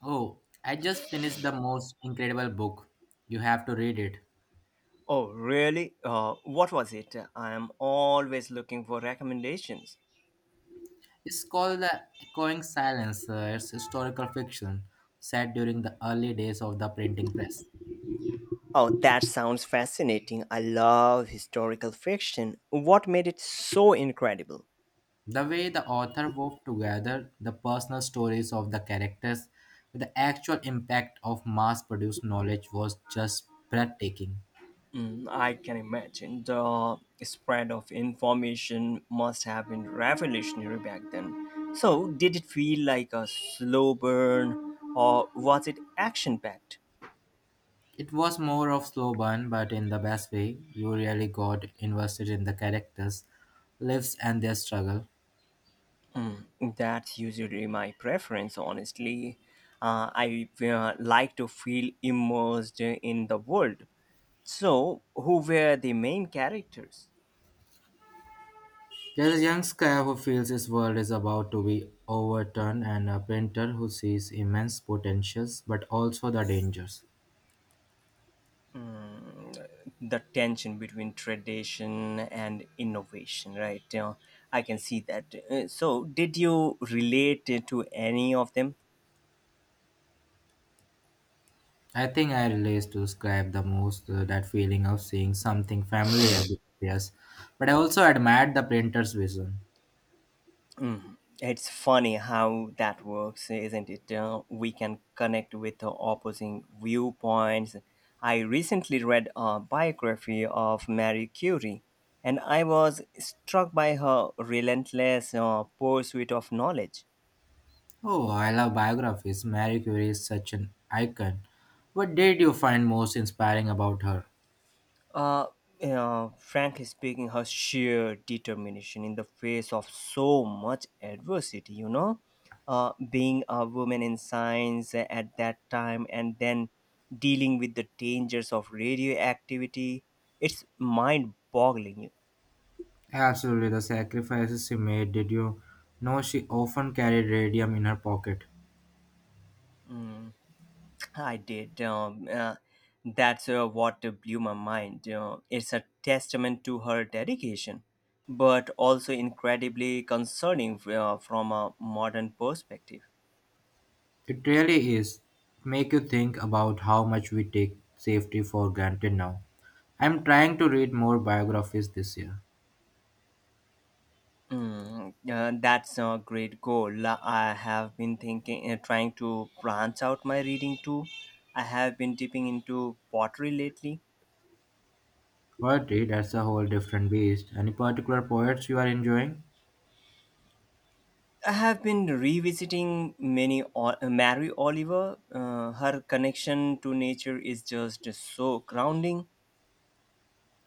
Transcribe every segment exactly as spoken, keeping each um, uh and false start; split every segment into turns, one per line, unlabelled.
Oh, I just finished the most incredible book. You have to read it.
Oh, really? Uh, what was it? I am always looking for recommendations.
It's called The Echoing Silence. Uh, it's historical fiction set during the early days of the printing press.
Oh, that sounds fascinating. I love historical fiction. What made it so incredible?
The way the author wove together the personal stories of the characters with the actual impact of mass produced knowledge was just breathtaking.
Mm, I can imagine. The spread of information must have been revolutionary back then. So, did it feel like a slow burn or was it action packed?
It was more of slow burn, but in the best way. You really got invested in the characters, lives, and their struggle.
That's usually my preference, honestly. Uh, I uh, like to feel immersed in the world. So, who were the main characters?
There is a young squire who feels his world is about to be overturned and a painter who sees immense potentials but also the dangers.
Mm, the tension between tradition and innovation, right? Uh, I can see that. Uh, so, did you relate to any of them?
I think I relate to describe the most uh, that feeling of seeing something familiar disappears, but I also admired the painter's vision.
Mm. It's funny how that works, isn't it? Uh, we can connect with uh, opposing viewpoints. I recently read a biography of Marie Curie, and I was struck by her relentless uh, pursuit of knowledge.
Oh, I love biographies. Marie Curie is such an icon. What did you find most inspiring about her?
Uh, you know, Frankly speaking, her sheer determination in the face of so much adversity, you know, uh, being a woman in science at that time and then dealing with the dangers of radioactivity, it's mind boggling.
Absolutely, the sacrifices she made. Did you know she often carried radium in her pocket?
Mm, I did. Um, uh, that's uh, what blew my mind. You know, it's a testament to her dedication, but also incredibly concerning uh, from a modern perspective.
It really is. Make you think about how much we take safety for granted now. I'm trying to read more biographies this year.
Mm, uh, that's a great goal. I have been thinking, uh, trying to branch out my reading too. I have been dipping into pottery lately.
Poetry, that's a whole different beast. Any particular poets you are enjoying?
I have been revisiting many o- uh, Mary Oliver. Uh, her connection to nature is just so grounding.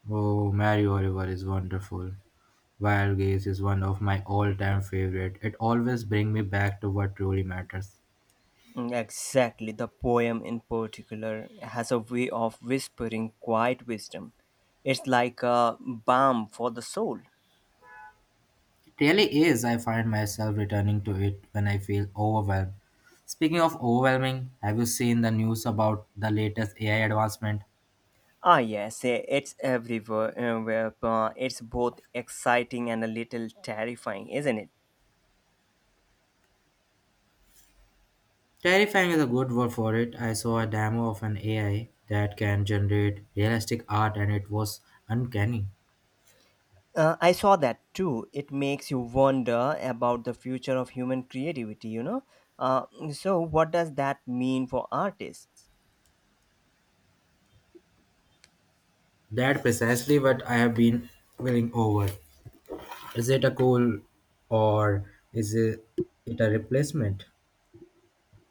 Oh, Mary Oliver is wonderful. Wild Gaze is one of my all-time favorite. It always brings me back to what truly matters.
Mm, exactly, the poem in particular has a way of whispering quiet wisdom. It's like a balm for the soul.
It really is. I find myself returning to it when I feel overwhelmed. Speaking of overwhelming, have you seen the news about the latest A I advancement?
Ah, yes, eh, it's everywhere. uh, where, uh, It's both exciting and a little terrifying, isn't it?
Terrifying is a good word for it. I saw a demo of an A I that can generate realistic art and it was uncanny.
Uh, I saw that too. It makes you wonder about the future of human creativity, you know? Uh, so, what does that mean for artists?
That precisely what I have been willing over. Is it a goal or is it, it a replacement?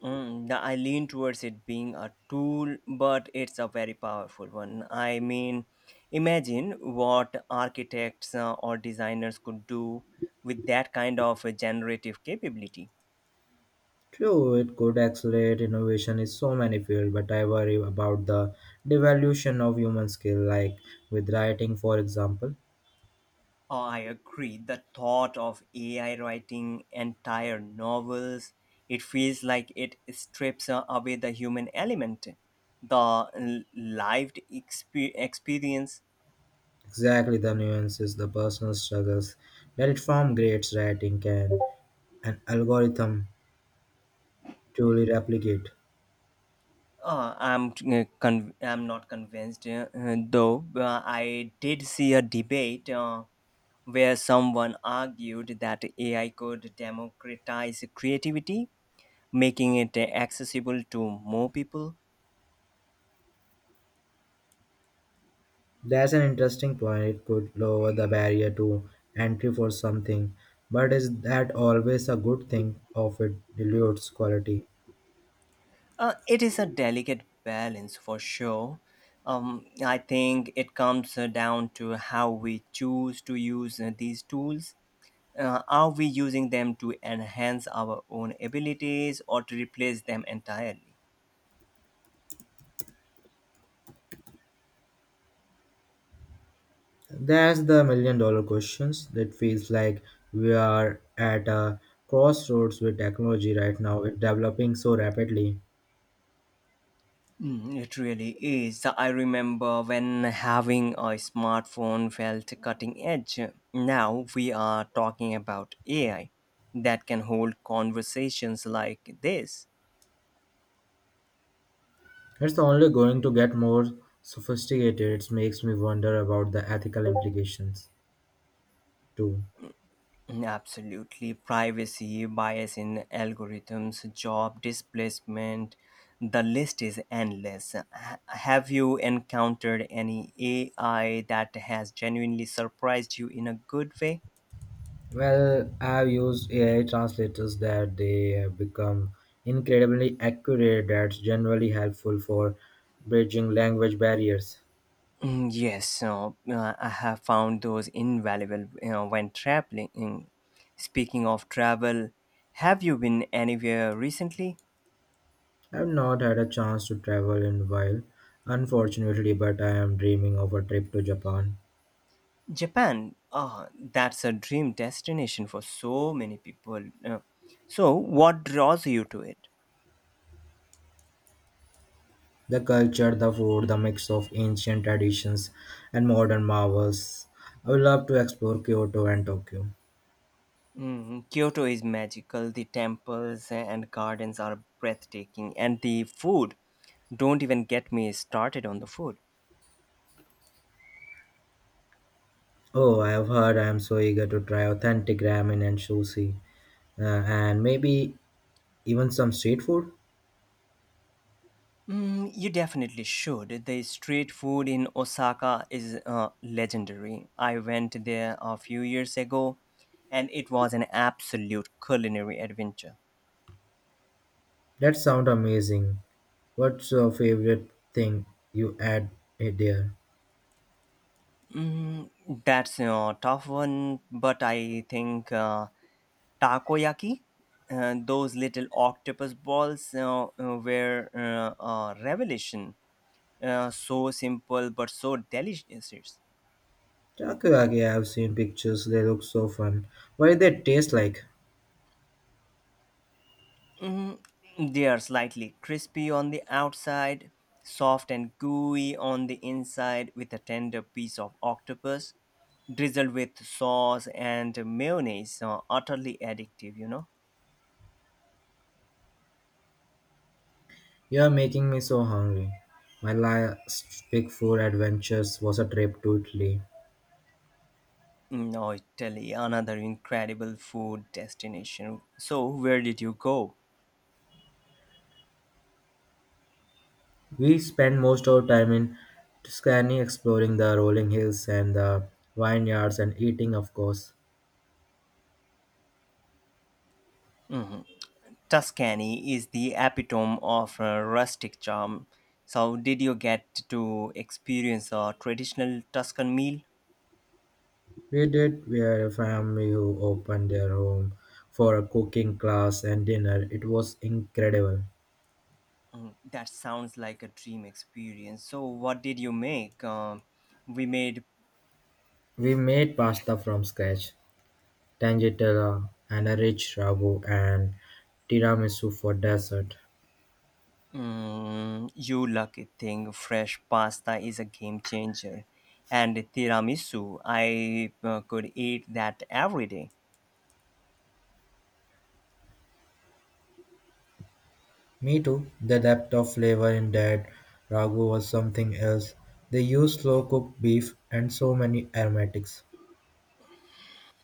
Mm, the- I lean towards it being a tool, but it's a very powerful one. I mean, imagine what architects uh, or designers could do with that kind of uh, generative capability.
True, it could accelerate innovation in so many fields, but I worry about the devaluation of human skill, like with writing, for example.
Oh, I agree. The thought of A I writing entire novels, it feels like it strips uh, away the human element, the l- lived expe- experience.
Exactly the nuances, the personal struggles that it form great writing can an algorithm truly replicate.
Uh, I'm uh, con- I'm not convinced, uh, uh, though. Uh, I did see a debate uh, where someone argued that A I could democratize creativity, making it accessible to more people.
That's an interesting point. It could lower the barrier to entry for something, but is that always a good thing of it dilutes quality?
Uh, it is a delicate balance for sure. Um, I think it comes uh, down to how we choose to use uh, these tools. Uh, are we using them to enhance our own abilities or to replace them entirely?
That's the million dollar questions that feels like we are at a crossroads with technology right now. It's developing so rapidly.
Mm, it really is. I remember when having a smartphone felt cutting edge. Now we are talking about A I that can hold conversations like this.
It's only going to get more sophisticated. It makes me wonder about the ethical implications too.
Absolutely. Privacy, bias in algorithms, job displacement, the list is endless. Ha- Have you encountered any A I that has genuinely surprised you in a good way?
Well, I've used A I translators that they have become incredibly accurate. That's generally helpful for bridging language barriers.
Mm, yes, so uh, I have found those invaluable uh, when traveling. Speaking of travel, have you been anywhere recently?
I've not had a chance to travel in a while, unfortunately, but I am dreaming of a trip to Japan.
Japan, ah, that's a dream destination for so many people. Uh, so, what draws you to it?
The culture, the food, the mix of ancient traditions and modern marvels. I would love to explore Kyoto and Tokyo.
Mm, Kyoto is magical, the temples and gardens are breathtaking, and the food. Don't even get me started on the food.
Oh, I've heard. I'm so eager to try authentic ramen and sushi, uh, and maybe even some street food.
Mm, you definitely should. The street food in Osaka is uh, legendary. I went there a few years ago, and it was an absolute culinary adventure.
That sounds amazing. What's your favorite thing you add it there?
Mm, that's a tough one, but I think uh, takoyaki, uh, those little octopus balls, uh, uh, were uh, a revelation. Uh, so simple but so delicious.
Takoyaki, I've seen pictures. They look so fun. What do they taste like?
Mm, they are slightly crispy on the outside, soft and gooey on the inside, with a tender piece of octopus drizzled with sauce and mayonnaise. Uh, utterly addictive, you know.
You are making me so hungry. My last big food adventures was a trip to Italy.
No, Italy, another incredible food destination. So, where did you go?
We spend most of our time in Tuscany exploring the rolling hills and the vineyards and eating, of course.
Mhm. Tuscany is the epitome of uh, rustic charm. So, did you get to experience a traditional Tuscan meal?
We did we were a family who opened their home for a cooking class and dinner. It was incredible.
Mm, that sounds like a dream experience. So, what did you make? Um, we made,
We made pasta from scratch, tangitella, and a rich ragu and tiramisu for dessert.
mm, you lucky thing, fresh pasta is a game changer. And tiramisu, I uh, could eat that every day.
Me too. The depth of flavor in that ragu was something else. They used slow cooked beef and so many aromatics.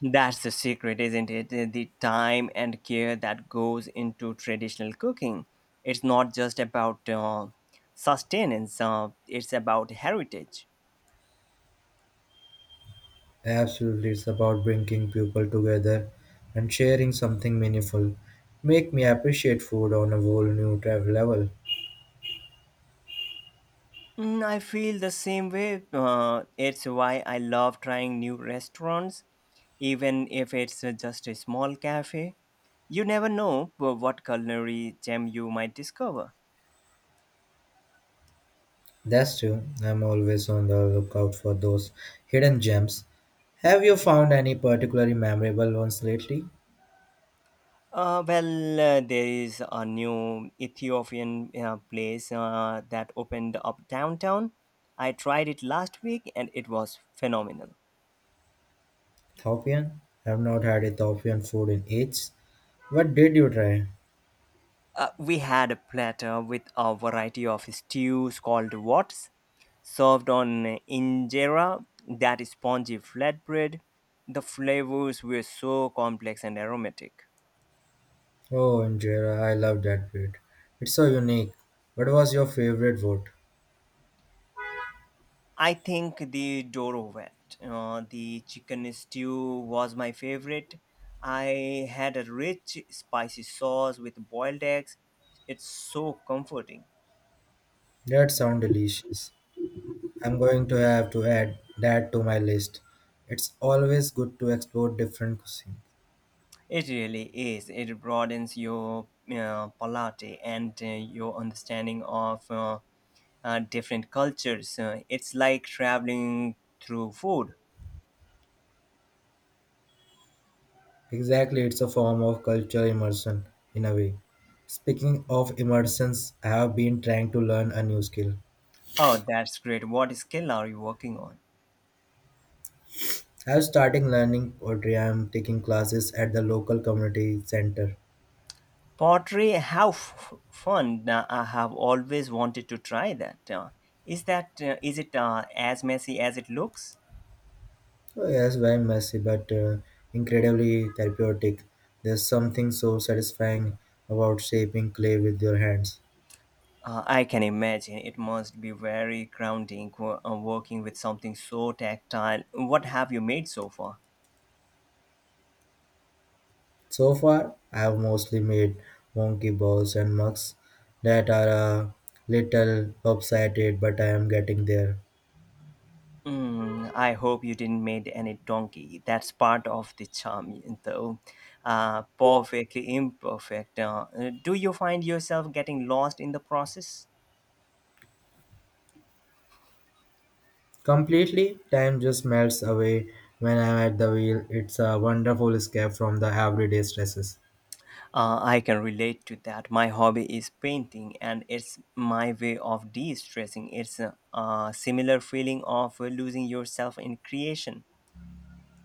That's the secret, isn't it? The the time and care that goes into traditional cooking. It's not just about uh, sustenance, uh, it's about heritage.
Absolutely, it's about bringing people together and sharing something meaningful. Make me appreciate food on a whole new travel level.
Mm, I feel the same way. Uh, it's why I love trying new restaurants, even if it's uh, just a small cafe. You never know uh, what culinary gem you might discover.
That's true. I'm always on the lookout for those hidden gems. Have you found any particularly memorable ones lately?
Uh, well, uh, there is a new Ethiopian uh, place uh, that opened up downtown. I tried it last week and it was phenomenal.
Ethiopian? I've not had Ethiopian food in ages. What did you try?
Uh, we had a platter with a variety of stews called wats, served on injera, that is spongy flatbread. The flavors were so complex and aromatic.
Oh, injera, I love that bread. It's so unique. What was your favorite food?
I think the door went. Uh, the chicken stew was my favorite. I had a rich, spicy sauce with boiled eggs. It's so comforting.
That sounds delicious. I'm going to have to add that to my list. It's always good to explore different cuisines.
It really is. It broadens your uh, palate and uh, your understanding of uh, uh, different cultures. Uh, it's like traveling through food.
Exactly, it's a form of cultural immersion in a way. Speaking of immersions, I have been trying to learn a new skill.
Oh, that's great. What skill are you working on?
I'm starting learning pottery. I'm taking classes at the local community center.
Pottery, how f- fun! Uh, I have always wanted to try that. Uh, is that uh, is it uh, as messy as it looks?
Oh, yes, very messy, but uh, incredibly therapeutic. There's something so satisfying about shaping clay with your hands.
Uh, I can imagine it must be very grounding wo- uh, working with something so tactile. What have you made so far?
So far, I've mostly made monkey balls and mugs that are a little lopsided, but I am getting there.
Mm, I hope you didn't make any donkey. That's part of the charm, though. Uh, perfectly imperfect. Uh, do you find yourself getting lost in the process?
Completely, time just melts away when I'm at the wheel. It's a wonderful escape from the everyday stresses.
Uh, I can relate to that. My hobby is painting, and it's my way of de stressing. It's a, a similar feeling of uh, losing yourself in creation.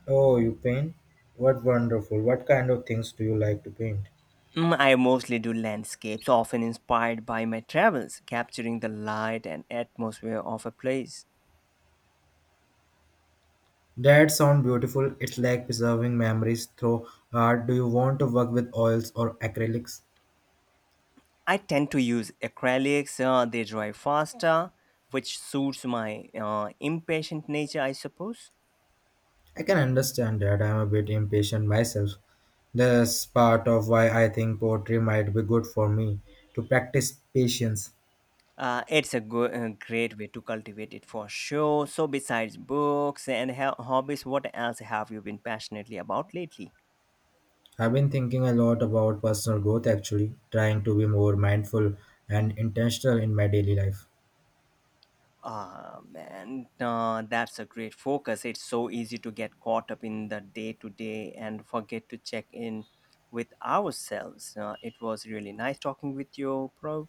Oh, you paint? What wonderful. What kind of things do you like to paint?
Mm, I mostly do landscapes, often inspired by my travels, capturing the light and atmosphere of a place.
That sound beautiful. It's like preserving memories through art. Do you want to work with oils or acrylics?
I tend to use acrylics, uh, they dry faster, which suits my uh, impatient nature, I suppose.
I can understand that. I'm a bit impatient myself. That's part of why I think poetry might be good for me to practice patience.
Uh, it's a go- uh, great way to cultivate it for sure. So, besides books and ho- hobbies, what else have you been passionately about lately?
I've been thinking a lot about personal growth actually, trying to be more mindful and intentional in my daily life.
Ah, man, uh, that's a great focus. It's so easy to get caught up in the day to day and forget to check in with ourselves. Uh, it was really nice talking with you, bro.